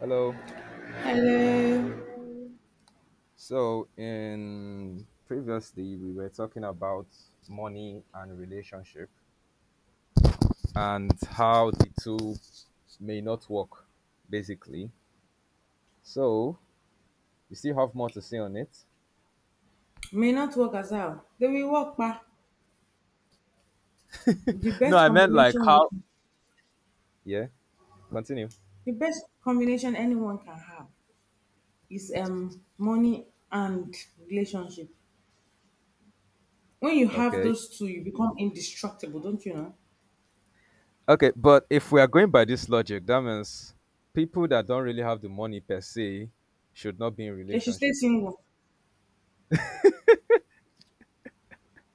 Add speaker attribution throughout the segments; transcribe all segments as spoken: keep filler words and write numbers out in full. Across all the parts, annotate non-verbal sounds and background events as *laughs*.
Speaker 1: Hello.
Speaker 2: Hello.
Speaker 1: So, in previously we were talking about money and relationship, and how the two may not work, basically. So, you still have more to say on it?
Speaker 2: May not work as well. They will work, pa. The
Speaker 1: No,
Speaker 2: best
Speaker 1: I meant like how.
Speaker 2: combination,
Speaker 1: Yeah. Continue.
Speaker 2: the best combination anyone can have is um money and relationship. When you have
Speaker 1: Okay.
Speaker 2: those two, you become indestructible, don't you know?
Speaker 1: Okay, but if we are going by this logic, that means people that don't really have the money per se should not be in
Speaker 2: They should stay
Speaker 1: relationship.
Speaker 2: single.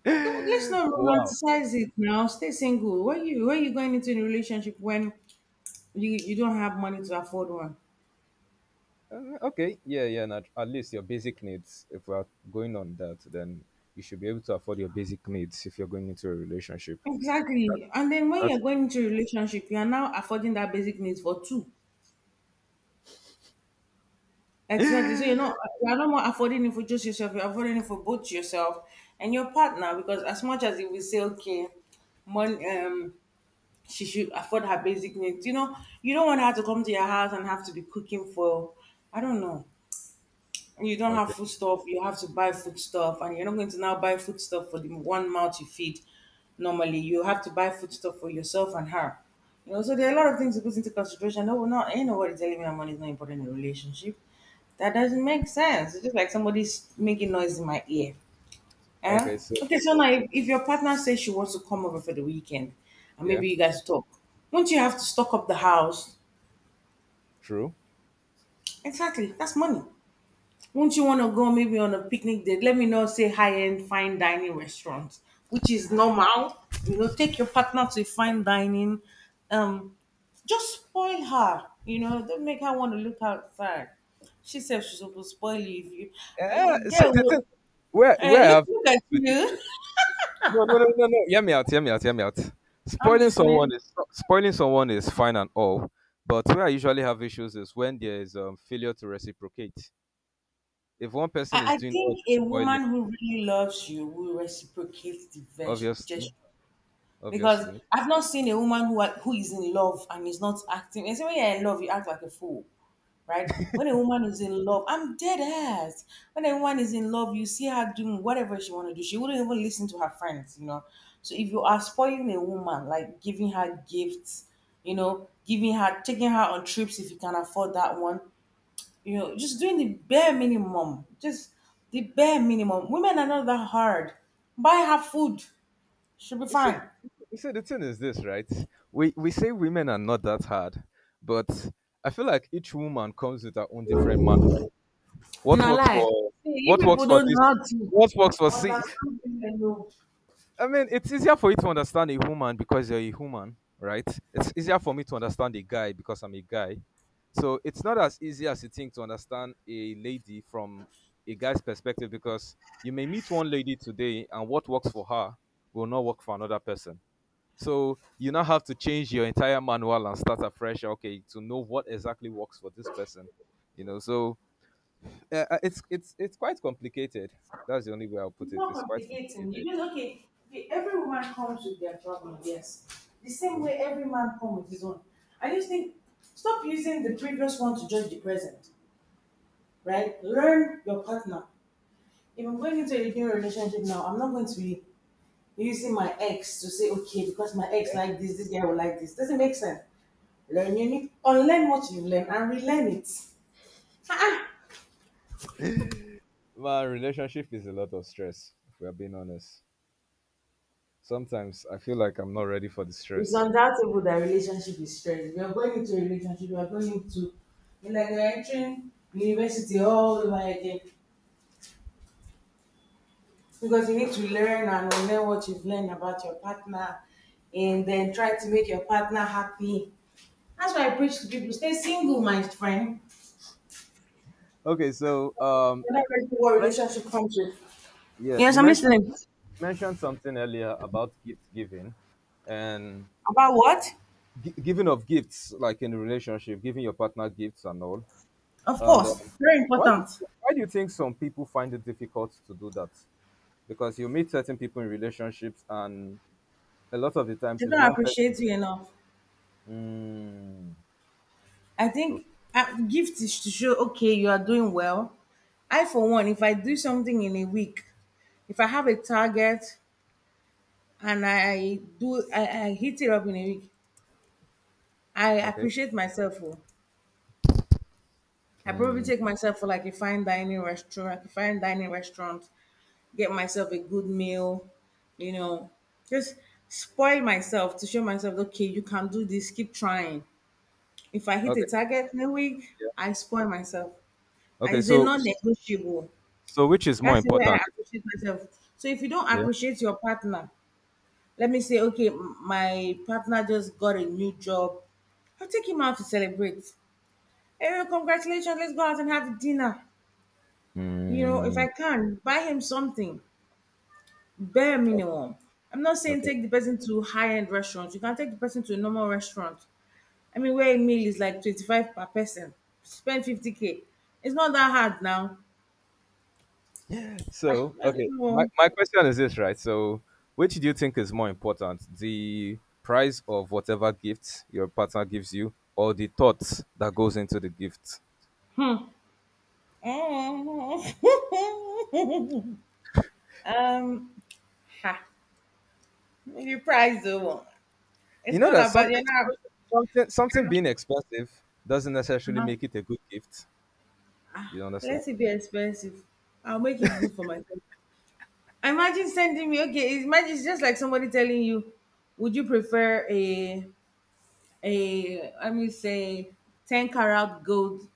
Speaker 2: I don't, let's not
Speaker 1: Wow.
Speaker 2: romanticize it now. Stay single. Why you why you going into a relationship when you, you don't have money to afford one?
Speaker 1: Uh, okay, yeah, yeah. And at, at least your basic needs, if we are going on that, then you should be able to afford your basic needs if you're going into a relationship. That,
Speaker 2: Exactly. And then when you're
Speaker 1: that's
Speaker 2: going into a relationship, you are now affording that basic needs for two. Exactly. So you're not you're not more affording it for just yourself, you're affording it for both yourself and your partner, because as much as it will say, okay, money um she should afford her basic needs, you know, you don't want her to come to your house and have to be cooking for I don't know. You don't have
Speaker 1: okay.
Speaker 2: food stuff. You have to buy food stuff, and you're not going to now buy food stuff for the one mouth you feed normally. You have to buy food stuff for yourself and her. You know, so there are a lot of things that goes into consideration. No, no, ain't nobody telling me that money is not important in a relationship. That doesn't make sense. It's just like somebody's making noise in my ear. Eh?
Speaker 1: Okay, so
Speaker 2: Okay, so now if, if your partner says she wants to come over for the weekend and
Speaker 1: yeah,
Speaker 2: maybe you guys talk, won't you have to stock up the house?
Speaker 1: true.
Speaker 2: Exactly. That's money. Won't you want to go maybe on a picnic date? Let me know, say high end fine dining restaurant, which is normal. You know, take your partner to a fine dining. Um, just spoil her. You know, don't make her want to look outside. She said she's supposed to spoil you if you eh, eh,
Speaker 1: Yeah, so
Speaker 2: girl.
Speaker 1: the thing,
Speaker 2: Well,
Speaker 1: where
Speaker 2: eh,
Speaker 1: where I
Speaker 2: look,
Speaker 1: have
Speaker 2: look at you.
Speaker 1: no, no, no, no, no. Hear me out. Hear me out. Hear me out.
Speaker 2: *laughs* I'm
Speaker 1: Spoiling
Speaker 2: listening.
Speaker 1: someone is spoiling someone is fine and all, but where I usually have issues is when there is um, failure to reciprocate. If one
Speaker 2: I,
Speaker 1: person is
Speaker 2: I
Speaker 1: doing all
Speaker 2: think
Speaker 1: the
Speaker 2: a
Speaker 1: spoiling,
Speaker 2: woman who really loves you will reciprocate the ves-
Speaker 1: obviously,
Speaker 2: gesture. Because
Speaker 1: obviously.
Speaker 2: I've not seen a woman who are- who is in love and is not acting. And so when you're in love, you act like a fool, right? When a woman is in love, I'm dead ass. When a woman is in love, you see her doing whatever she want to do. She wouldn't even listen to her friends, you know. So if you are spoiling a woman, like giving her gifts, you know, giving her taking her on trips if you can afford that one, you know, just doing the bare minimum. Just the bare minimum. Women are not that hard. Buy her food. She'll be
Speaker 1: You see,
Speaker 2: fine.
Speaker 1: you see, the thing is this, right? We we say women are not that hard, but I feel like each woman comes with her own different man. What
Speaker 2: Na
Speaker 1: works
Speaker 2: lie.
Speaker 1: for
Speaker 2: See, you
Speaker 1: what
Speaker 2: people
Speaker 1: works for
Speaker 2: don't
Speaker 1: this?
Speaker 2: know how to
Speaker 1: What works for see?
Speaker 2: understand women. No,
Speaker 1: I mean, it's easier for you to understand a woman because you're a human, right? It's easier for me to understand a guy because I'm a guy. So it's not as easy as you think to understand a lady from a guy's perspective because you may meet one lady today and what works for her will not work for another person. So you now have to change your entire manual and start afresh. Okay, to know what exactly works for this person, you know. So uh, uh, it's it's it's quite complicated. That's the only way I'll put
Speaker 2: it's
Speaker 1: it.
Speaker 2: not
Speaker 1: It's quite
Speaker 2: complicating.
Speaker 1: complicated.
Speaker 2: You just okay. Okay, every woman comes with their problem. Yes, the same
Speaker 1: So
Speaker 2: way every man comes with his own. I just think stop using the previous one to judge the present. Right? Learn your partner. If I'm going into a new relationship now, I'm not going to be using my ex to say okay because my ex
Speaker 1: yeah,
Speaker 2: like this, this guy will like this. Doesn't make sense. Learn, you need unlearn what you learn and relearn it.
Speaker 1: my relationship is a lot of stress. If we are being honest, sometimes I feel like I'm not ready for the
Speaker 2: It's
Speaker 1: stress.
Speaker 2: undoubtable that relationship is stress. We are going into a relationship, we are going into it's like you're entering university all over again because you need to learn and learn what you've learned about your partner and then try to make your partner happy. That's why I preach to people stay single, my friend.
Speaker 1: Okay, so um,
Speaker 2: You're not ready to what
Speaker 1: men-
Speaker 2: relationship comes with.
Speaker 1: yeah,
Speaker 2: Yes,
Speaker 1: you
Speaker 2: I'm
Speaker 1: mentioned
Speaker 2: listening.
Speaker 1: you mentioned something earlier about gift giving, and
Speaker 2: About what?
Speaker 1: gi- giving of gifts, like in a relationship, giving your partner gifts and all.
Speaker 2: Of
Speaker 1: And um,
Speaker 2: course, very
Speaker 1: why, do-
Speaker 2: important.
Speaker 1: why do you think some people find it difficult to do that? Because you meet certain people in relationships, and a lot of the
Speaker 2: They
Speaker 1: times it's
Speaker 2: don't
Speaker 1: one person.
Speaker 2: appreciate you enough.
Speaker 1: Mm,
Speaker 2: I
Speaker 1: o-
Speaker 2: think uh, gift is to show, okay, you are doing well. I, for one, if I do something in a week, if I have a target and I do, I, I hit it up in a week, I
Speaker 1: okay.
Speaker 2: appreciate myself. Oh. I probably
Speaker 1: Mm,
Speaker 2: take myself for like a fine dining restaurant, like a fine dining restaurant, get myself a good meal, you know, just spoil myself to show myself, okay, you can do this, keep trying. If I hit a
Speaker 1: okay.
Speaker 2: target in a week,
Speaker 1: Yeah.
Speaker 2: I spoil myself. And
Speaker 1: Okay.
Speaker 2: it's a
Speaker 1: So,
Speaker 2: non negotiable.
Speaker 1: so which is more
Speaker 2: That's the way I
Speaker 1: important?
Speaker 2: appreciate myself. So if you don't
Speaker 1: Yeah.
Speaker 2: appreciate your partner, let me say, okay, m- my partner just got a new job. I'll take him out to celebrate. Hey, congratulations, let's go out and have dinner. You know, if
Speaker 1: Mm,
Speaker 2: I can, buy him something, bare
Speaker 1: o-
Speaker 2: minimum. I'm not saying
Speaker 1: okay.
Speaker 2: take the person to high end restaurants. You can take the person to a normal restaurant. I mean, where a meal is like twenty-five per person, spend fifty k. It's not that hard now. Ah,
Speaker 1: So,
Speaker 2: I
Speaker 1: okay. My,
Speaker 2: don't
Speaker 1: my question is this, right? So, which do you think is more important? The price of whatever gift your partner gives you, or the thought that goes into the gift?
Speaker 2: know. *laughs* Um, ha, maybe price though.
Speaker 1: You
Speaker 2: It's
Speaker 1: know
Speaker 2: not
Speaker 1: that
Speaker 2: about
Speaker 1: something
Speaker 2: you're not.
Speaker 1: something
Speaker 2: You're
Speaker 1: something
Speaker 2: not
Speaker 1: being expensive doesn't necessarily
Speaker 2: uh-huh.
Speaker 1: make it a good gift. You understand?
Speaker 2: Let it be expensive. I'll make it good for myself. Imagine sending me. Okay, imagine it's just like somebody telling you, "Would you prefer a a let me say ten carat gold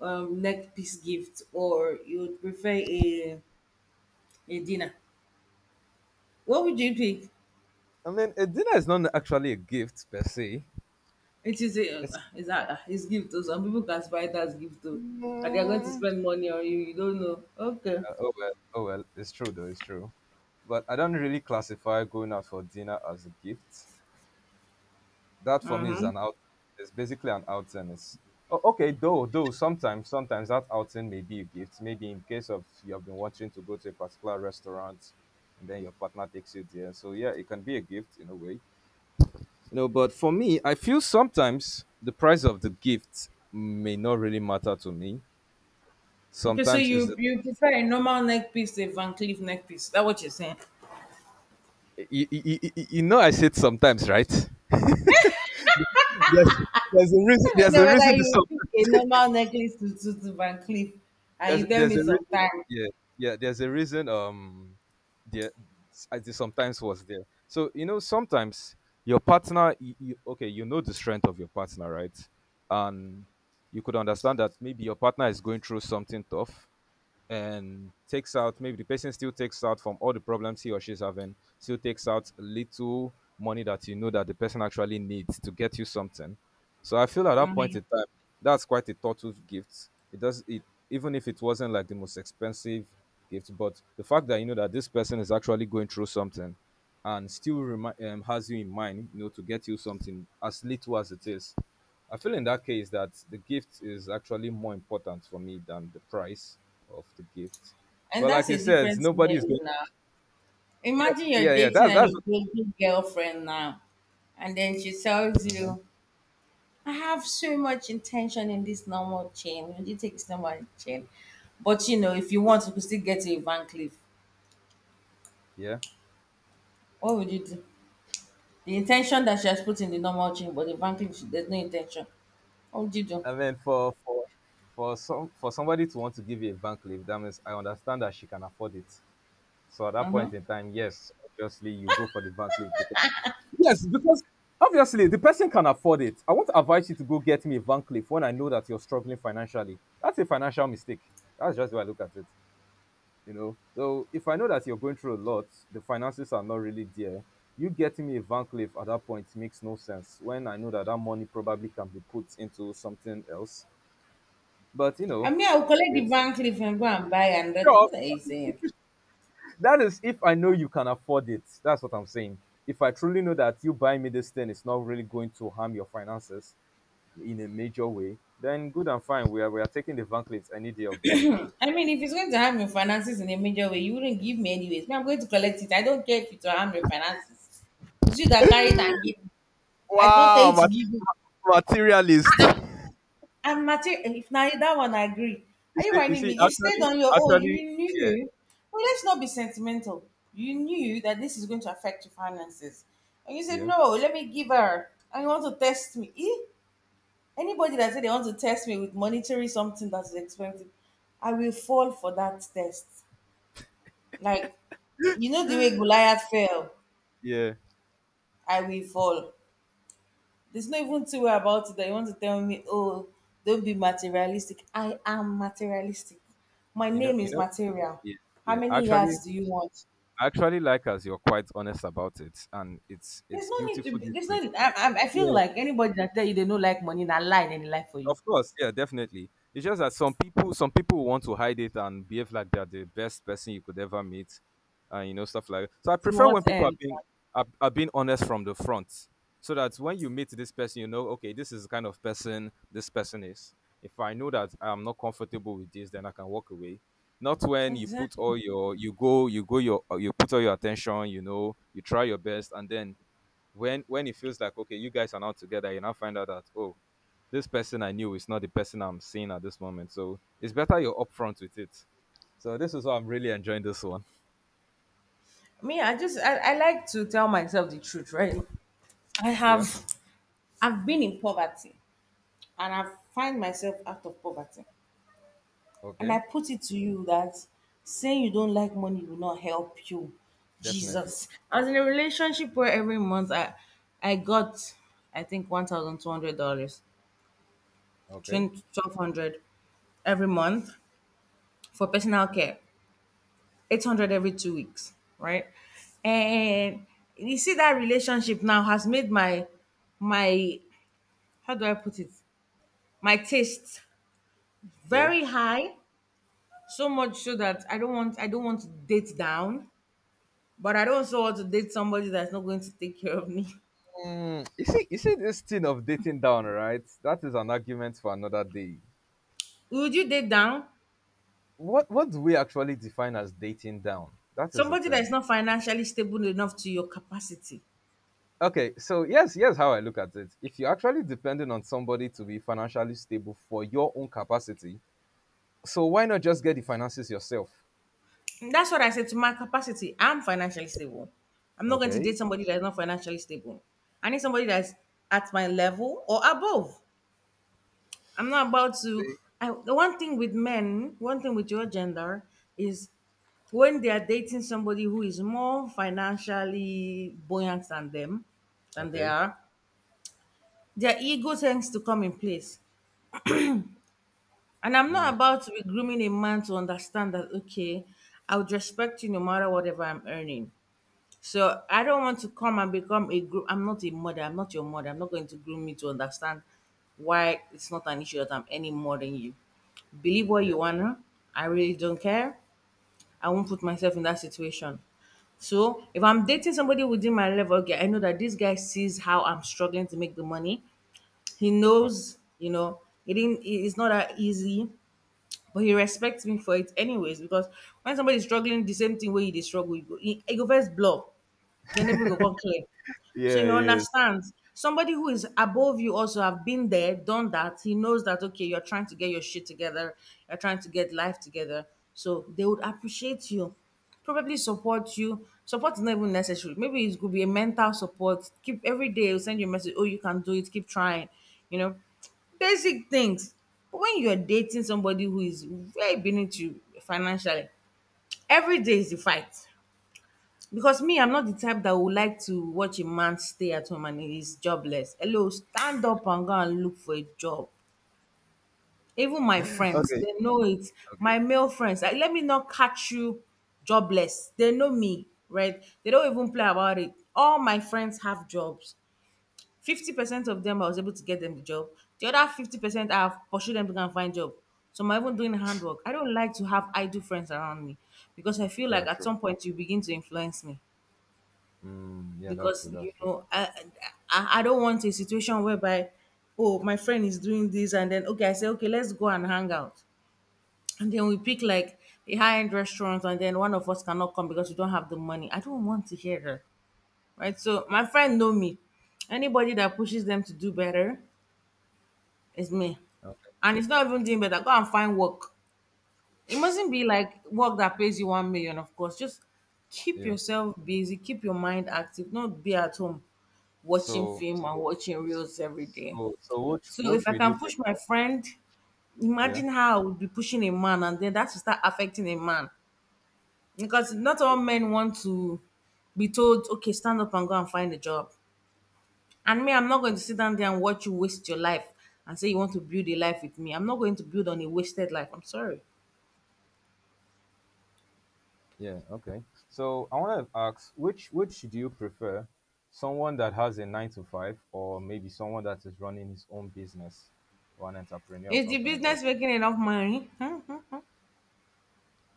Speaker 2: um, neck piece gift, or you would prefer a a dinner? What would you pick?"
Speaker 1: I mean, a dinner is not actually a gift per se.
Speaker 2: It is a,
Speaker 1: It's
Speaker 2: it's a, it's gift though. Some people can buy it as gift too. But they are going to
Speaker 1: Mm,
Speaker 2: spend money on you. You don't know. Okay.
Speaker 1: uh, oh well, oh well. It's true though. It's true, but I don't really classify going out for dinner as a gift. That for me is an out. It's basically an outing. It's oh, okay, though. Though sometimes, sometimes that outing may be a gift. Maybe in case of you have been wanting to go to a particular restaurant, and then your partner takes you there. So yeah, it can be a gift in a way. You know, but for me, I feel sometimes the price of the gift may not really matter to me.
Speaker 2: Okay, so
Speaker 1: Sometimes is
Speaker 2: you
Speaker 1: the
Speaker 2: you prefer a normal neck piece to a Van Cleef neck piece. Is that what you're saying?
Speaker 1: you, you, you you know I said sometimes, right? Yes. There's a reason.
Speaker 2: Let me
Speaker 1: There's
Speaker 2: know
Speaker 1: a reason
Speaker 2: whether
Speaker 1: to
Speaker 2: you
Speaker 1: stop.
Speaker 2: pick a normal necklace to, to, to Van Cleef and you
Speaker 1: there's
Speaker 2: tell
Speaker 1: there's
Speaker 2: me
Speaker 1: a reason,
Speaker 2: sometime.
Speaker 1: yeah, yeah, there's a reason, um there. I think sometimes was there, so you know sometimes your partner, you, you, okay, you know the strength of your partner, right, and you could understand that maybe your partner is going through something tough and takes out, maybe the person still takes out from all the problems he or she's having, still takes out little money that you know that the person actually needs to get you something. So I feel at that point in time, that's quite a thoughtful gift. It does it. Even if it wasn't like the most expensive gift, but the fact that you know that this person is actually going through something and still remi- um, has you in mind, you know, to get you something as little as it is. I feel in that case that the gift is actually more important for me than the price of the gift.
Speaker 2: And
Speaker 1: But like
Speaker 2: that's
Speaker 1: you
Speaker 2: a
Speaker 1: said,
Speaker 2: different
Speaker 1: nobody is
Speaker 2: scenario
Speaker 1: going.
Speaker 2: now.
Speaker 1: Yeah,
Speaker 2: Imagine you're
Speaker 1: yeah, yeah.
Speaker 2: dating
Speaker 1: That's
Speaker 2: an
Speaker 1: that's
Speaker 2: Ethiopian girlfriend now, and then she tells you, I have so much intention in this normal chain. Would you take this normal chain? But you know, if you want, you could still get to a Van Cleef.
Speaker 1: yeah.
Speaker 2: What would you do? The intention that she has put in the normal chain, but the Van Cleef, she- there's no intention. What would you do?
Speaker 1: I mean, for for for some for somebody to want to give you a bank leave, that means I understand that she can afford it. So at that
Speaker 2: Mm-hmm.
Speaker 1: point in time, yes, obviously you go for the bank leave because yes, because obviously the person can afford it. I won't advise you to go get me a bank leave when I know that you're struggling financially. That's a financial mistake. That's just the way I look at it. You know, so if I know that you're going through a lot, the finances are not really there, you getting me a van cliff at that point makes no sense when I know that that money probably can be put into something else. But you
Speaker 2: I
Speaker 1: know,
Speaker 2: mean, I will collect the
Speaker 1: it's
Speaker 2: Van Cleef and go and buy and thing.
Speaker 1: sure
Speaker 2: What are you saying?
Speaker 1: that is if I know you can afford it, that's what I'm saying. If I truly know that you buying me this thing is not really going to harm your finances in a major way, then good and fine, we are, we are taking the van cliff any day of the week.
Speaker 2: I mean, if it's going to harm your finances in a major way, you wouldn't give me anyways. Me, I'm going to collect it. I don't care if it will harm your finances. It's you that carry it and give. I don't tell
Speaker 1: Wow,
Speaker 2: you to
Speaker 1: ma-
Speaker 2: give.
Speaker 1: materialist.
Speaker 2: And mater- if now that one I agree. Are
Speaker 1: You
Speaker 2: you
Speaker 1: see, you
Speaker 2: whining
Speaker 1: see,
Speaker 2: me? You stayed
Speaker 1: actually,
Speaker 2: on your own.
Speaker 1: actually,
Speaker 2: You
Speaker 1: yeah.
Speaker 2: knew. Well, let's not be sentimental. You knew that this is going to affect your finances. And you said,
Speaker 1: Yeah.
Speaker 2: no, let me give her. And you want to test me. Eh? Anybody that said they want to test me with monetary something that is expensive, I will fall for that test. Like, you know the way Goliath fell?
Speaker 1: Yeah.
Speaker 2: I will fall. There's not even two way about it that you want to tell me, oh, don't be materialistic. I am materialistic. My
Speaker 1: You know,
Speaker 2: name
Speaker 1: you
Speaker 2: is
Speaker 1: know,
Speaker 2: material.
Speaker 1: yeah,
Speaker 2: How
Speaker 1: yeah.
Speaker 2: many
Speaker 1: Actually,
Speaker 2: yards do you want?
Speaker 1: I actually like as you're quite honest about it, and it's
Speaker 2: There's
Speaker 1: it's
Speaker 2: no need to.
Speaker 1: beautiful
Speaker 2: Be,
Speaker 1: this
Speaker 2: there's no
Speaker 1: way.
Speaker 2: need, I, I, I feel
Speaker 1: Yeah.
Speaker 2: like anybody that tell you they don't like money, not lying and lie for you.
Speaker 1: Of course, yeah, definitely. It's just that some people, some people want to hide it and behave like they're the best person you could ever meet, and you know stuff like that. So I
Speaker 2: To
Speaker 1: prefer
Speaker 2: what
Speaker 1: when people are
Speaker 2: end?
Speaker 1: being are, are being honest from the front, so that when you meet this person, you know, okay, this is the kind of person this person is. If I know that I'm not comfortable with this, then I can walk away. Not when you put
Speaker 2: Exactly.
Speaker 1: all your you go you go your you put all your attention, you know, you try your best, and then when when it feels like okay, you guys are not together, you now find out that oh, this person I knew is not the person I'm seeing at this moment. So it's better you're upfront with it. So this is why I'm really enjoying this one.
Speaker 2: Me, I just I, I like to tell myself the truth, right? I
Speaker 1: Yeah.
Speaker 2: have I've been in poverty and I've find myself out of poverty. And I
Speaker 1: Okay.
Speaker 2: put it to you that saying you don't like money will not help you.
Speaker 1: Definitely.
Speaker 2: Jesus. I was in a relationship where every month I I got I think one thousand two hundred dollars,
Speaker 1: Okay.
Speaker 2: twelve hundred every month for personal care, eight hundred every two weeks, right? And you see that relationship now has made my my how do I put it? My taste
Speaker 1: Yeah.
Speaker 2: very high, so much so that I don't want I don't want to date down. But I don't also want to date somebody that's not going to take care of me.
Speaker 1: Mm, you see, you see this thing of dating down, right? That is an argument for another day.
Speaker 2: *laughs* Would you date down?
Speaker 1: What what do we actually define as dating down? That is the
Speaker 2: Somebody that is
Speaker 1: term.
Speaker 2: not financially stable enough to your capacity.
Speaker 1: Okay, so yes, yes, how I look at it. If you're actually depending on somebody to be financially stable for your own capacity, so why not just get the finances yourself?
Speaker 2: And that's what I said to my capacity. I'm financially stable. I'm not going to
Speaker 1: Okay.
Speaker 2: date somebody that's not financially stable. I need somebody that's at my level or above. I'm not about to.
Speaker 1: See?
Speaker 2: I, the one thing with men, one thing with your gender is when they are dating somebody who is more financially buoyant than them, than they
Speaker 1: Okay.
Speaker 2: are, their ego tends to come in place. And I'm
Speaker 1: Mm,
Speaker 2: not about to be grooming a man to understand that, okay, I would respect you no matter whatever I'm earning. So I don't want to come and become a groom. I'm not a mother. I'm not your mother. I'm not going to groom you to understand why it's not an issue that I'm earning more than you. Believe what
Speaker 1: yeah.
Speaker 2: you wanna. I really don't care. I won't put myself in that situation. So if I'm dating somebody within my level, okay, I know that this guy sees how I'm struggling to make the money. He
Speaker 1: Okay.
Speaker 2: knows, you know, it didn't. It- It's not that easy, but he respects me for it anyways. Because when somebody is struggling the same thing where he dey struggle, he go, he, he go first blow, then every go come clear. So
Speaker 1: Yeah,
Speaker 2: he
Speaker 1: yes.
Speaker 2: understands. Somebody who is above you also have been there, done that. He knows that okay, you're trying to get your shit together, you're trying to get life together. So they would appreciate you, probably support you. Support is not even necessary. Maybe it could be a mental support. Keep every day they'll send you a message, oh, you can do it, keep trying, you know. Basic things. But when you're dating somebody who is very beneath you financially, every day is the fight. Because me, I'm not the type that would like to watch a man stay at home and he's jobless. Hello, stand up and go and look for a job. Even my friends,
Speaker 1: Okay.
Speaker 2: they know it.
Speaker 1: Okay.
Speaker 2: My male friends, like, let me not catch you jobless. They know me, right? They don't even play about it. All my friends have jobs. fifty percent of them, I was able to get them the job. The other fifty percent, I have pursued them to go and find job. So I'm even doing handwork. I don't like to have idle friends around me because I feel
Speaker 1: Yeah.
Speaker 2: like at
Speaker 1: True.
Speaker 2: some point you begin to influence me.
Speaker 1: Mm, yeah. That's
Speaker 2: Because
Speaker 1: true.
Speaker 2: you
Speaker 1: That's true.
Speaker 2: know I, I I don't want a situation whereby, oh, my friend is doing this, and then okay I say okay let's go and hang out, and then we pick like a high end restaurant, and then one of us cannot come because we don't have the money. I don't want to hear that, right? So my friend know me. Anybody that pushes them to do better is me,
Speaker 1: Okay.
Speaker 2: and it's not even doing better. Go and find work. It mustn't be like work that pays you one million, of course. Just keep
Speaker 1: Yeah.
Speaker 2: yourself busy, keep your mind active, not be at home watching
Speaker 1: So.
Speaker 2: film and
Speaker 1: So.
Speaker 2: watching reels every day.
Speaker 1: So. So. Which.
Speaker 2: So if
Speaker 1: Which
Speaker 2: I
Speaker 1: would you
Speaker 2: can push
Speaker 1: prefer?
Speaker 2: my friend,
Speaker 1: Yeah.
Speaker 2: imagine how I would be pushing a man, and then that will start affecting a man, because not all
Speaker 1: Yeah.
Speaker 2: men want to be told okay stand up and go and find a job. And me, I'm not going
Speaker 1: o-
Speaker 2: to sit down there and watch you waste your life and say you want to build a life with me. I'm not going to build on a wasted life. I'm sorry.
Speaker 1: Yeah, okay. So I want to ask which which do you prefer? Someone that has a nine to five or maybe someone that is running his own business or an entrepreneur or
Speaker 2: Is the
Speaker 1: something like that.
Speaker 2: business making enough money? *laughs*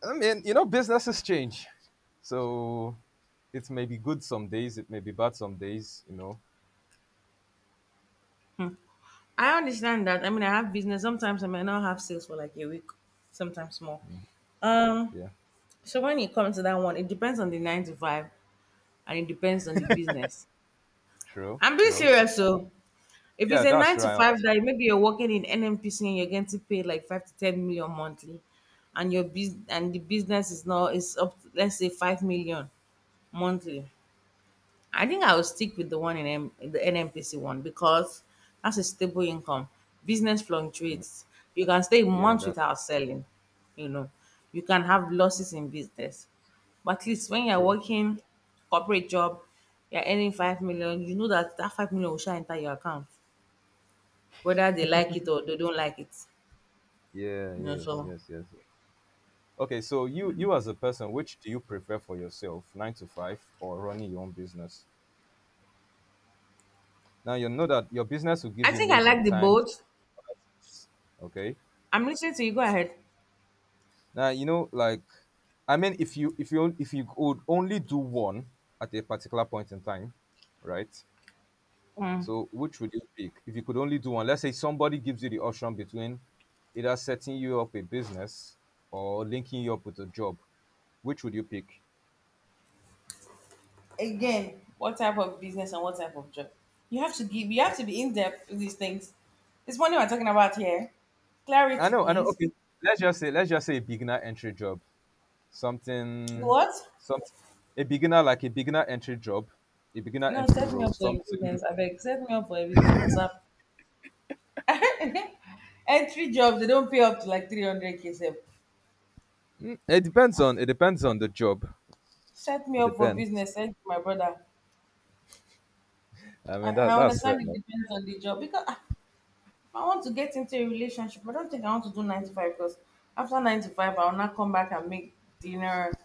Speaker 1: I mean, you know businesses change. So it may be good some days, it may be bad some days, you know.
Speaker 2: I understand that. I mean, I have business. Sometimes I may not have sales for like a week, sometimes more. Um,
Speaker 1: Yeah.
Speaker 2: so when it comes to that one, it depends on the nine to five and it depends on the business.
Speaker 1: True,
Speaker 2: I'm being
Speaker 1: true.
Speaker 2: serious. So if it's
Speaker 1: Yeah,
Speaker 2: a
Speaker 1: that's
Speaker 2: nine
Speaker 1: true.
Speaker 2: to
Speaker 1: I
Speaker 2: five
Speaker 1: understand.
Speaker 2: that maybe you're working in N M P C and you're getting to pay like five to ten million monthly, and your business, and the business is now is up to, let's say, five million monthly, I think I will stick with the one in M- the N M P C one because that's a stable income. Business
Speaker 1: Mm,
Speaker 2: fluctuates. You can stay
Speaker 1: yeah,
Speaker 2: months
Speaker 1: that's
Speaker 2: without selling. You know, you can have losses in business, but at least when you're
Speaker 1: true.
Speaker 2: working corporate job, you're earning five million. You know that that five million will shine enter your account, whether they like it or they don't like it.
Speaker 1: Yeah,
Speaker 2: You know,
Speaker 1: yes,
Speaker 2: so
Speaker 1: yes, yes, yes. Okay, so you you as a person, which do you prefer for yourself, nine to five or running your own business? Now you know that your business will
Speaker 2: I
Speaker 1: give you
Speaker 2: think I
Speaker 1: maybe
Speaker 2: like the
Speaker 1: time to do
Speaker 2: both.
Speaker 1: other things. Okay.
Speaker 2: I'm listening to you. Go ahead.
Speaker 1: Now you know, like, I mean, if you if you if you could only do one at a particular point in time, right? So which would you pick? If you could only do one, let's say somebody gives you the option between either setting you up a business or linking you up with a job, which would you pick?
Speaker 2: Again, what type of business and what type of job? You have to give, you have
Speaker 1: Right.
Speaker 2: to be in depth with these things. This morning we're talking about here.
Speaker 1: I
Speaker 2: Clarity
Speaker 1: know, I know.
Speaker 2: please.
Speaker 1: Okay, let's just say let's just say a beginner entry job, something,
Speaker 2: What?
Speaker 1: some a beginner, like a beginner entry job, a beginner
Speaker 2: No,
Speaker 1: entry
Speaker 2: set me
Speaker 1: role,
Speaker 2: up for a
Speaker 1: something.
Speaker 2: business, I beg. Set me up for a business, asap. *laughs* Entry jobs, they don't pay up to like three hundred k sef.
Speaker 1: Mm, it depends on it depends on the job.
Speaker 2: Set me
Speaker 1: It
Speaker 2: up for
Speaker 1: depends.
Speaker 2: business, send to my brother.
Speaker 1: I
Speaker 2: i
Speaker 1: mean
Speaker 2: i
Speaker 1: that that's fair
Speaker 2: understand, it
Speaker 1: enough.
Speaker 2: depends on the job, because, ah, if I want to get into a relationship I don't think I want to do nine to five, because after nine to five I will not come back and make dinner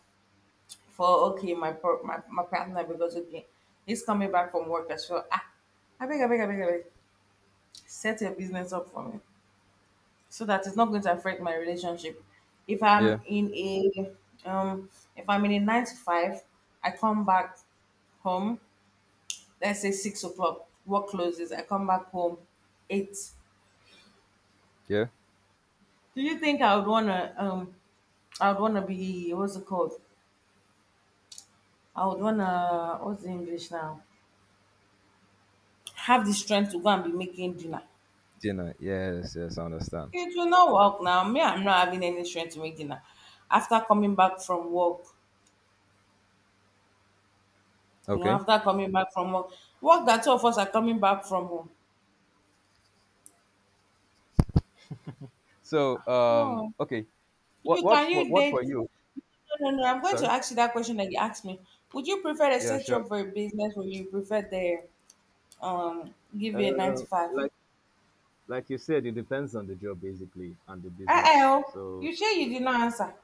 Speaker 2: for, okay, my pro- my, my partner, because, okay, he's coming back from work as well. Ah, I beg, I beg, I beg, I beg. Set your business up for me so that it's not going to affect my relationship. If I'm
Speaker 1: Yeah,
Speaker 2: in a um, if I'm in a nine to five, I come back home. Let's say six o'clock. Work closes. I come back home eight.
Speaker 1: yeah.
Speaker 2: Do you think I would wanna um I would wanna be what's it called? I would wanna, what's the English now? Have the strength to go and be making dinner.
Speaker 1: Dinner. Yes, yes, I understand.
Speaker 2: It will not work now. Me, I'm not having any strength to make dinner. After coming back from work, you know,
Speaker 1: Okay.
Speaker 2: after coming back from work, work that two of us are coming back from home.
Speaker 1: So, um,
Speaker 2: No,
Speaker 1: okay, what
Speaker 2: you,
Speaker 1: what
Speaker 2: can
Speaker 1: for
Speaker 2: you
Speaker 1: what
Speaker 2: date?
Speaker 1: for you?
Speaker 2: No, no, no. I'm going to
Speaker 1: Sorry,
Speaker 2: ask you that question that you asked me. Would you prefer a
Speaker 1: yeah,
Speaker 2: set you
Speaker 1: sure.
Speaker 2: up for a business or you prefer the um give you a nine to
Speaker 1: Uh,
Speaker 2: five?
Speaker 1: like like you said, it depends on the job basically and the business.
Speaker 2: Uh
Speaker 1: So
Speaker 2: you say you did not answer.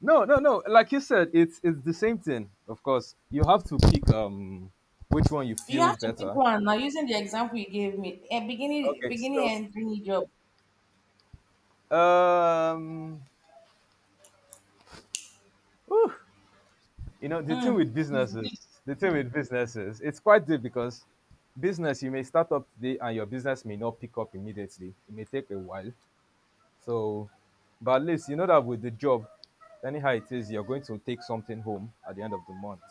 Speaker 1: no, no, no. Like you said, it's it's the same thing. Of course, you have to pick um which one you
Speaker 2: You
Speaker 1: feel
Speaker 2: have to pick
Speaker 1: better.
Speaker 2: one now. Using the example you gave me, a beginning
Speaker 1: Okay,
Speaker 2: beginning
Speaker 1: so
Speaker 2: and any job.
Speaker 1: um, whew, you know the thing
Speaker 2: Mm.
Speaker 1: with businesses, the thing with businesses, it's quite deep because business you may start up today and your business may not pick up immediately. It may take a while. So, but at least you know that with the job, anyhow it is, you're going to take something home at the end of the month.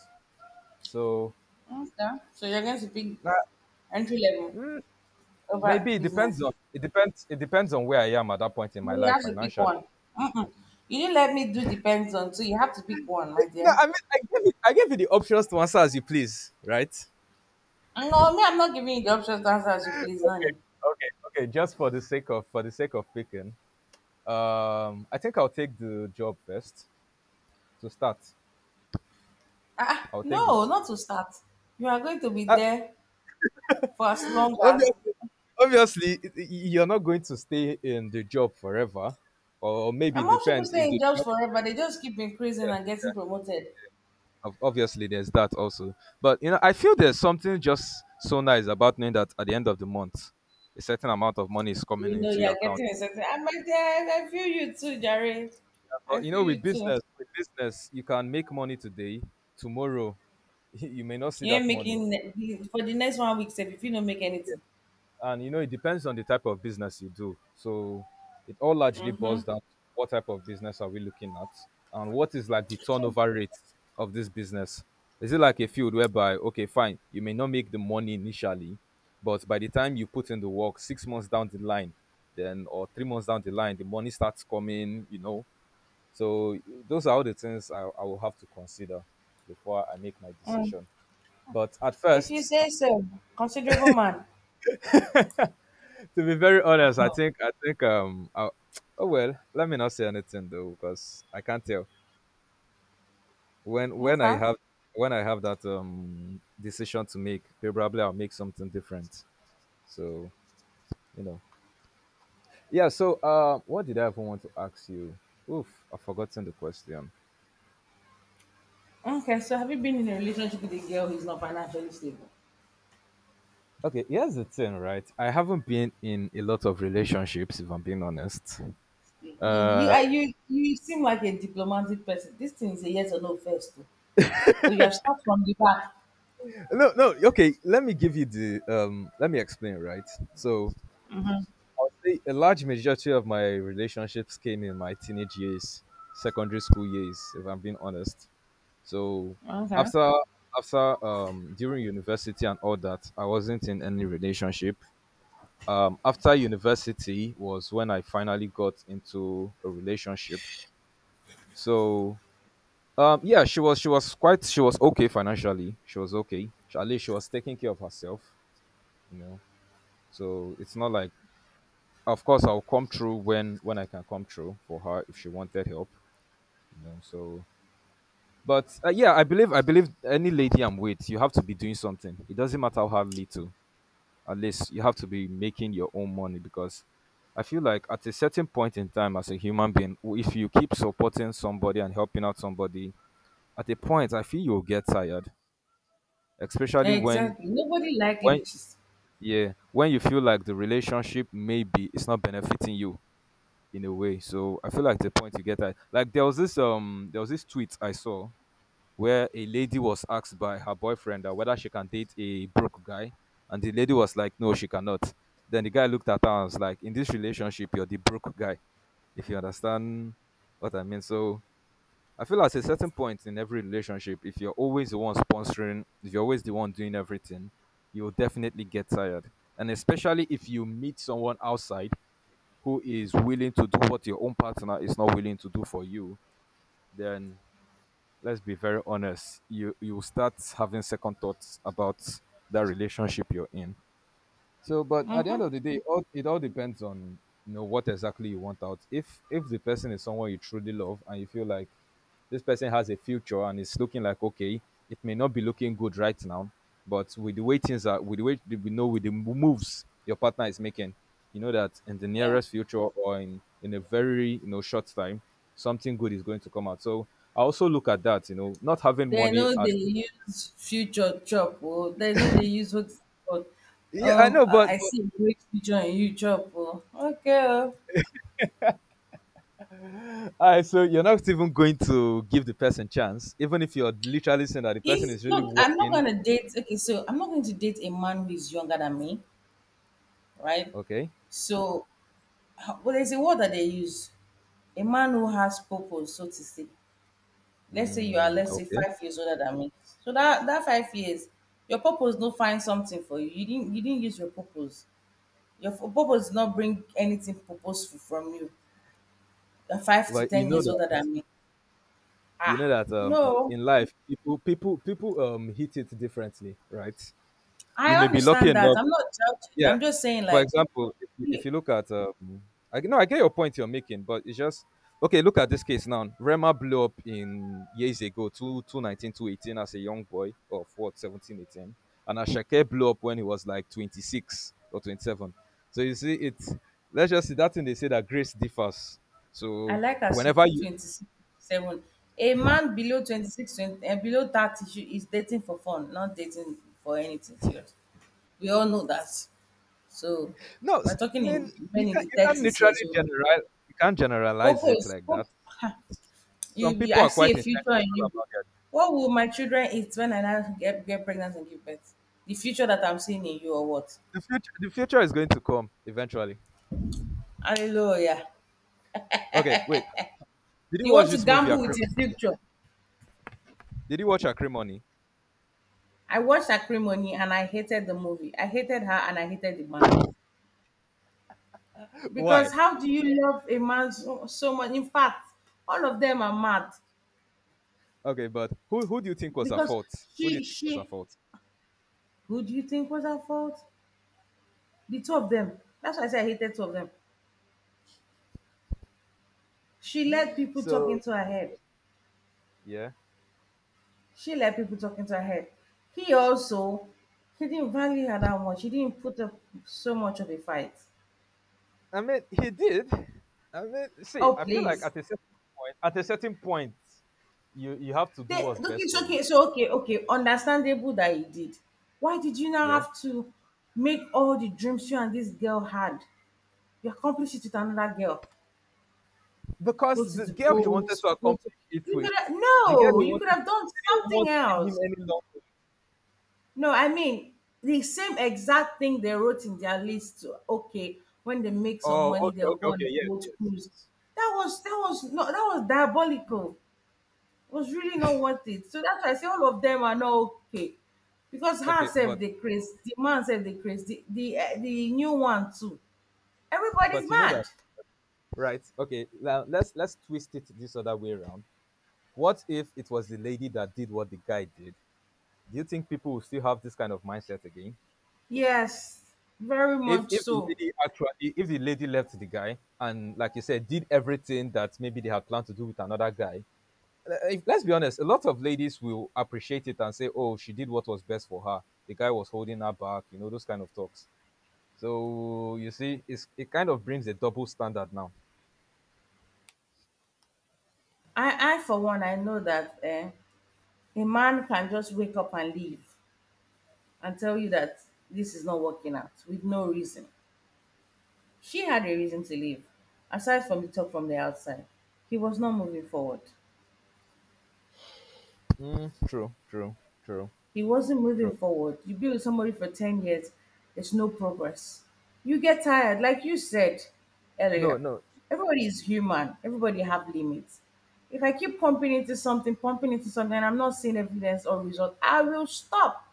Speaker 1: So
Speaker 2: Okay. So you're going to pick
Speaker 1: nah,
Speaker 2: entry level
Speaker 1: mm,
Speaker 2: over
Speaker 1: maybe it
Speaker 2: business.
Speaker 1: depends on it depends it depends on where I am at that point in
Speaker 2: No,
Speaker 1: my
Speaker 2: you
Speaker 1: life
Speaker 2: have to pick
Speaker 1: financially.
Speaker 2: one. Mm-mm. You didn't let me do depends on, so you have to pick one, my
Speaker 1: No,
Speaker 2: dear.
Speaker 1: I mean, I give you, I give you the options to answer as you please, right?
Speaker 2: No, me, I'm not giving you the options to answer as you
Speaker 1: Okay,
Speaker 2: please, Nani.
Speaker 1: okay, okay. just for the sake of for the sake of picking, um, I think I'll take the job first to start.
Speaker 2: Ah, ah,
Speaker 1: I'll take the
Speaker 2: no,
Speaker 1: job.
Speaker 2: not to start. You are going to be
Speaker 1: I,
Speaker 2: there for as long as.
Speaker 1: obviously, obviously y- y- you're not going to stay in the job forever or maybe
Speaker 2: And
Speaker 1: it
Speaker 2: most people
Speaker 1: depends if
Speaker 2: stay in
Speaker 1: the
Speaker 2: jobs
Speaker 1: job.
Speaker 2: forever. They just keep increasing
Speaker 1: Yeah,
Speaker 2: and getting promoted.
Speaker 1: ob- obviously there's that also, but you know I feel there's something just so nice about knowing that at the end of the month a certain amount of money is coming
Speaker 2: You know,
Speaker 1: into
Speaker 2: you
Speaker 1: your
Speaker 2: are
Speaker 1: account.
Speaker 2: getting a certain. Ah, my dear, I I feel you too, Jerry. I
Speaker 1: But you
Speaker 2: feel
Speaker 1: know
Speaker 2: you
Speaker 1: with
Speaker 2: too.
Speaker 1: business, with business you can make money today, tomorrow *laughs* you may not see
Speaker 2: You ain't
Speaker 1: that money.
Speaker 2: making ne- for the next one week, sef, if you don't make anything.
Speaker 1: And you know it depends on the type of business you do, so it all largely boils down to what type of business are we looking at, and what is like the turnover rate of this business. Is it like a field whereby, okay, fine, you may not make the money initially, but by the time you put in the work six months down the line, then, or three months down the line, the money starts coming, you know. So those are all the things i, I will have to consider before I make my
Speaker 2: Mm.
Speaker 1: decision. But at
Speaker 2: If you
Speaker 1: first,
Speaker 2: say so, considerable man.
Speaker 1: to be very honest, I
Speaker 2: Uh-huh.
Speaker 1: think I think um I, oh well, let me not say anything though because I can't tell when when I
Speaker 2: Okay.
Speaker 1: have when I have that um decision to make, probably I'll make something different. So, you know, yeah. So uh, what did I even want to ask you? Oof, I've forgotten the question.
Speaker 2: Okay, so have you been in a relationship with a girl who's not financially stable?
Speaker 1: Okay, here's the thing, right? I haven't been in a lot of relationships, if I'm being honest.
Speaker 2: You you
Speaker 1: Uh,
Speaker 2: are- you, you seem like a diplomatic person. This thing is a yes or no first, oh. But you have start from the back.
Speaker 1: no, no. Okay, let me give you the um. Let me explain, right? So I'll say a large majority of my relationships came in my teenage years, secondary school years, if I'm being honest. So
Speaker 2: Okay.
Speaker 1: after after um during university and all that, I wasn't in any relationship. Um after university was when I finally got into a relationship. So um yeah, she was she was quite she was okay financially. She was okay. She- At least she was taking care of herself, you know. So it's not like, of course, I'll come through when when I can come through for her if she wanted help. You know, so but uh, yeah, I believe I believe any lady I'm with, you have to be doing something. It doesn't matter how little. At least you have to be making your own money, because I feel like at a certain point in time as a human being, w- if you keep supporting somebody and helping out somebody, at a point I feel you'll get tired, especially when
Speaker 2: Exactly. Nobody likely
Speaker 1: when
Speaker 2: cheats.
Speaker 1: yeah, when you feel like the relationship maybe it's not benefiting you in a way. So I feel like the point you get at, like, there was this um there was this tweet I saw where a lady was asked by her boyfriend that whether she can date a broke guy, and the lady was like, "No, she cannot." Then the guy looked at her and was like, "In this relationship, you're the broke guy," if you understand what I mean. So I feel at a certain point in every relationship, if you're always the one sponsoring, if you're always the one doing everything, you'll definitely get tired. And especially if you meet someone outside who is willing to do what your own partner is not willing to do for you, then, let's be very honest, you you start having second thoughts about that relationship you're in. So, but at the
Speaker 2: Mm-hmm.
Speaker 1: end of the day, it all, it all depends on, you know, what exactly you want out. If if the person is someone you truly love and you feel like this person has a future and it's looking like okay, it may not be looking good right now, but with the way things are, with the way we know, with the moves your partner is making, you know that in the
Speaker 2: Yeah.
Speaker 1: nearest future or in in a very, you know, short time, something good is going to come out. So I also look at that, you know, not having
Speaker 2: They
Speaker 1: money
Speaker 2: know they
Speaker 1: at.
Speaker 2: use future chop, or they know they use what's it called.
Speaker 1: Yeah, I
Speaker 2: Um,
Speaker 1: know, but,
Speaker 2: I I
Speaker 1: but
Speaker 2: see a great future in you, chop. Oh, okay. Oh.
Speaker 1: alright, so you're not even going to give the person chance, even if you're literally saying that the person
Speaker 2: If
Speaker 1: is really
Speaker 2: look, I'm not
Speaker 1: working.
Speaker 2: gonna date. Okay, so I'm not going to date a man who is younger than me, right?
Speaker 1: Okay.
Speaker 2: So, h- well, there's a word that they use. A man who has purpose, so to say. Let's say you are,
Speaker 1: Mm,
Speaker 2: let's say,
Speaker 1: okay.
Speaker 2: five years older than me. So that that five years, your purpose don't find something for you. You didn't you didn't use your purpose. Your fu purpose did not bring anything purposeful from you. You're five to
Speaker 1: But you
Speaker 2: ten
Speaker 1: know
Speaker 2: years
Speaker 1: that,
Speaker 2: older than me.
Speaker 1: you know
Speaker 2: Ah,
Speaker 1: that um in,
Speaker 2: no,
Speaker 1: in life people people people um hit it differently, right?
Speaker 2: I
Speaker 1: You may be lucky
Speaker 2: understand that.
Speaker 1: enough,
Speaker 2: I'm not judging.
Speaker 1: yeah,
Speaker 2: I'm just saying,
Speaker 1: for
Speaker 2: like,
Speaker 1: example if you, if
Speaker 2: me,
Speaker 1: you look at um i g- no, I get your point you're making, but it's just, okay, look at this case now. Rema blew up in years ago, two, two nineteen, two eighteen, as a young boy of what, seventeen, eighteen, and Ashake blew up when he was like twenty-six or twenty-seven. So you see it's, let's just see that thing they say, that grace differs.
Speaker 2: I
Speaker 1: So
Speaker 2: like as she
Speaker 1: whenever
Speaker 2: put
Speaker 1: you.
Speaker 2: twenty-six, twenty-seven. A man below twenty-six, twenty, and below thirty should, is dating for fun, not dating for anything serious. We all know that. So,
Speaker 1: No s-
Speaker 2: we're
Speaker 1: I
Speaker 2: talking
Speaker 1: mean,
Speaker 2: in
Speaker 1: you
Speaker 2: men in
Speaker 1: can
Speaker 2: the
Speaker 1: you can
Speaker 2: thirties here.
Speaker 1: literally
Speaker 2: So,
Speaker 1: general you can't generalize it
Speaker 2: purpose,
Speaker 1: like that.
Speaker 2: purpose. You,
Speaker 1: Some
Speaker 2: you
Speaker 1: people
Speaker 2: I
Speaker 1: are
Speaker 2: see
Speaker 1: quite
Speaker 2: a future
Speaker 1: intentional
Speaker 2: in you.
Speaker 1: about.
Speaker 2: What will my children eat when I now get, get pregnant and give birth? The future that I'm seeing in you or what?
Speaker 1: The future, the future is going to come eventually.
Speaker 2: Hallelujah.
Speaker 1: Okay, wait. Did you
Speaker 2: You
Speaker 1: watch
Speaker 2: want to
Speaker 1: this movie?
Speaker 2: gamble
Speaker 1: Acrim-
Speaker 2: with your future.
Speaker 1: Did you watch Acrimony?
Speaker 2: I watched Acrimony and I hated the movie. I hated her and I hated the man.
Speaker 1: *laughs*
Speaker 2: Because
Speaker 1: Why?
Speaker 2: how do you love a man so, so much? In fact, all of them are mad.
Speaker 1: Okay, but who who do you think was at
Speaker 2: Because
Speaker 1: fault? Who do you
Speaker 2: she
Speaker 1: think was at
Speaker 2: she
Speaker 1: fault?
Speaker 2: who do you think was her fault? The two of them. That's why I said I hated two of them. She let people talk
Speaker 1: So
Speaker 2: into her head.
Speaker 1: yeah,
Speaker 2: She let people talk into her head. He also, he didn't value her that much. He didn't put up so much of a fight.
Speaker 1: I mean he did. I mean, see,
Speaker 2: Oh,
Speaker 1: I feel like
Speaker 2: please.
Speaker 1: at a certain point, at a certain point, you you have to
Speaker 2: They,
Speaker 1: do
Speaker 2: okay,
Speaker 1: what's best
Speaker 2: it's
Speaker 1: for you.
Speaker 2: okay. So, okay, okay. Understandable that he did. Why did you now
Speaker 1: Yeah,
Speaker 2: have to make all the dreams you and this girl had? You accomplish it with another girl.
Speaker 1: because
Speaker 2: Go to
Speaker 1: the
Speaker 2: the
Speaker 1: girl he
Speaker 2: boat.
Speaker 1: wanted to
Speaker 2: Go to,
Speaker 1: accomplish it
Speaker 2: you
Speaker 1: with,
Speaker 2: could have,
Speaker 1: the girl
Speaker 2: no,
Speaker 1: he
Speaker 2: you could
Speaker 1: wanted
Speaker 2: have done
Speaker 1: didn't
Speaker 2: something
Speaker 1: want in him
Speaker 2: else.
Speaker 1: any longer.
Speaker 2: No, I mean, the same exact thing they wrote in their list. Okay, when they make some
Speaker 1: Oh,
Speaker 2: money,
Speaker 1: okay,
Speaker 2: they'll
Speaker 1: okay,
Speaker 2: go on
Speaker 1: okay,
Speaker 2: a
Speaker 1: yes,
Speaker 2: boat
Speaker 1: yes,
Speaker 2: cruise.
Speaker 1: yes.
Speaker 2: That was that was no that was diabolical. It was really not worth it. So that's why I say all of them are not okay. Because
Speaker 1: Okay,
Speaker 2: herself
Speaker 1: but
Speaker 2: they craze, the man self they craze, the the, eh, the new one too. Everybody's
Speaker 1: but you know
Speaker 2: mad.
Speaker 1: that, right, okay, now let's let's twist it this other way around. What if it was the lady that did what the guy did? Do you think people will still have this kind of mindset again?
Speaker 2: Yes, very
Speaker 1: If
Speaker 2: much
Speaker 1: if the
Speaker 2: so.
Speaker 1: lady actually, if the lady left the guy and, like you said, did everything that maybe they had planned to do with another guy. uh, if, let's be honest, a lot of ladies will appreciate it and say, oh, she did what was best for her, the guy was holding her back, you know, those kind of talks. So you see it's, it kind of brings a double standard now.
Speaker 2: I, I for one, I know that eh, a man can just wake up and leave, and tell you that this is not working out with no reason. She had a reason to leave. Aside from the talk from the outside, he was not moving forward.
Speaker 1: Mm, true true true,
Speaker 2: He wasn't moving
Speaker 1: true.
Speaker 2: forward. You be with somebody for ten years, there's no progress. You get tired, like you said
Speaker 1: No,
Speaker 2: earlier.
Speaker 1: no.
Speaker 2: Everybody is human, everybody have limits. If I keep pumping into something, pumping into something, and I'm not seeing evidence or result, I will stop.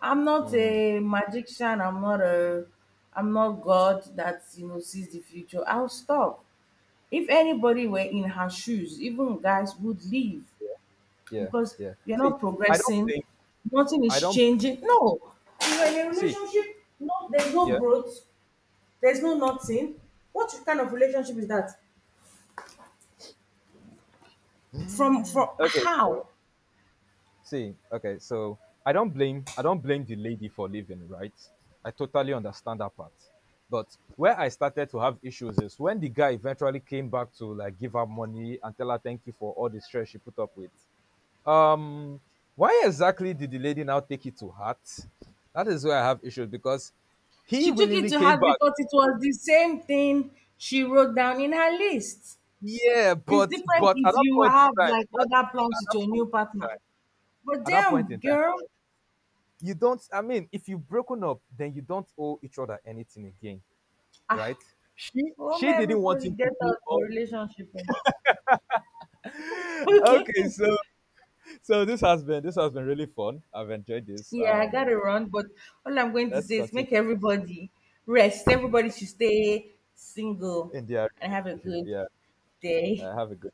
Speaker 2: I'm not
Speaker 1: Mm,
Speaker 2: a magician. I'm not a I'm not God that you know sees the future. I'll stop. If anybody were in her shoes, even guys would leave
Speaker 1: yeah,
Speaker 2: because
Speaker 1: yeah.
Speaker 2: you're
Speaker 1: See,
Speaker 2: not
Speaker 1: I don't
Speaker 2: progressing,
Speaker 1: think
Speaker 2: nothing
Speaker 1: I
Speaker 2: is
Speaker 1: don't
Speaker 2: changing. No. You're in a
Speaker 1: See.
Speaker 2: relationship, no there's no
Speaker 1: Yeah.
Speaker 2: growth, there's no nothing. What kind of relationship is that? From from
Speaker 1: Okay. So
Speaker 2: how?
Speaker 1: see. Okay. So I don't blame I don't blame the lady for leaving. Right. I totally understand that part. But where I started to have issues is when the guy eventually came back to like give her money and tell her thank you for all the stress she put up with. Um, why exactly did the lady now take it to heart? That is where I have issues, because he
Speaker 2: She took it
Speaker 1: willingly
Speaker 2: to
Speaker 1: came
Speaker 2: heart
Speaker 1: back.
Speaker 2: because it was the same thing she wrote down in her list.
Speaker 1: Yeah,
Speaker 2: It's
Speaker 1: but
Speaker 2: different
Speaker 1: but at
Speaker 2: if
Speaker 1: that
Speaker 2: you
Speaker 1: point in
Speaker 2: have
Speaker 1: time,
Speaker 2: like
Speaker 1: at that,
Speaker 2: other plans
Speaker 1: at
Speaker 2: with
Speaker 1: that
Speaker 2: your new
Speaker 1: point in
Speaker 2: partner.
Speaker 1: time,
Speaker 2: But
Speaker 1: at that point
Speaker 2: damn,
Speaker 1: in time,
Speaker 2: girl,
Speaker 1: right, you don't. I mean, if you've broken up, then you don't owe each other anything again,
Speaker 2: ah,
Speaker 1: right? She
Speaker 2: oh
Speaker 1: she
Speaker 2: my
Speaker 1: didn't want
Speaker 2: everybody
Speaker 1: him to
Speaker 2: get
Speaker 1: do
Speaker 2: out for
Speaker 1: all.
Speaker 2: relationship. Oh.
Speaker 1: *laughs* okay, so so this has been this has been really fun. I've enjoyed
Speaker 2: *laughs*
Speaker 1: this.
Speaker 2: Yeah, I
Speaker 1: Um,
Speaker 2: gotta run, but all I'm going to
Speaker 1: let's
Speaker 2: say is
Speaker 1: continue
Speaker 2: make everybody rest. Everybody should stay single
Speaker 1: in their
Speaker 2: and have a
Speaker 1: relationship.
Speaker 2: good
Speaker 1: Yeah,
Speaker 2: day.
Speaker 1: uh, have a good.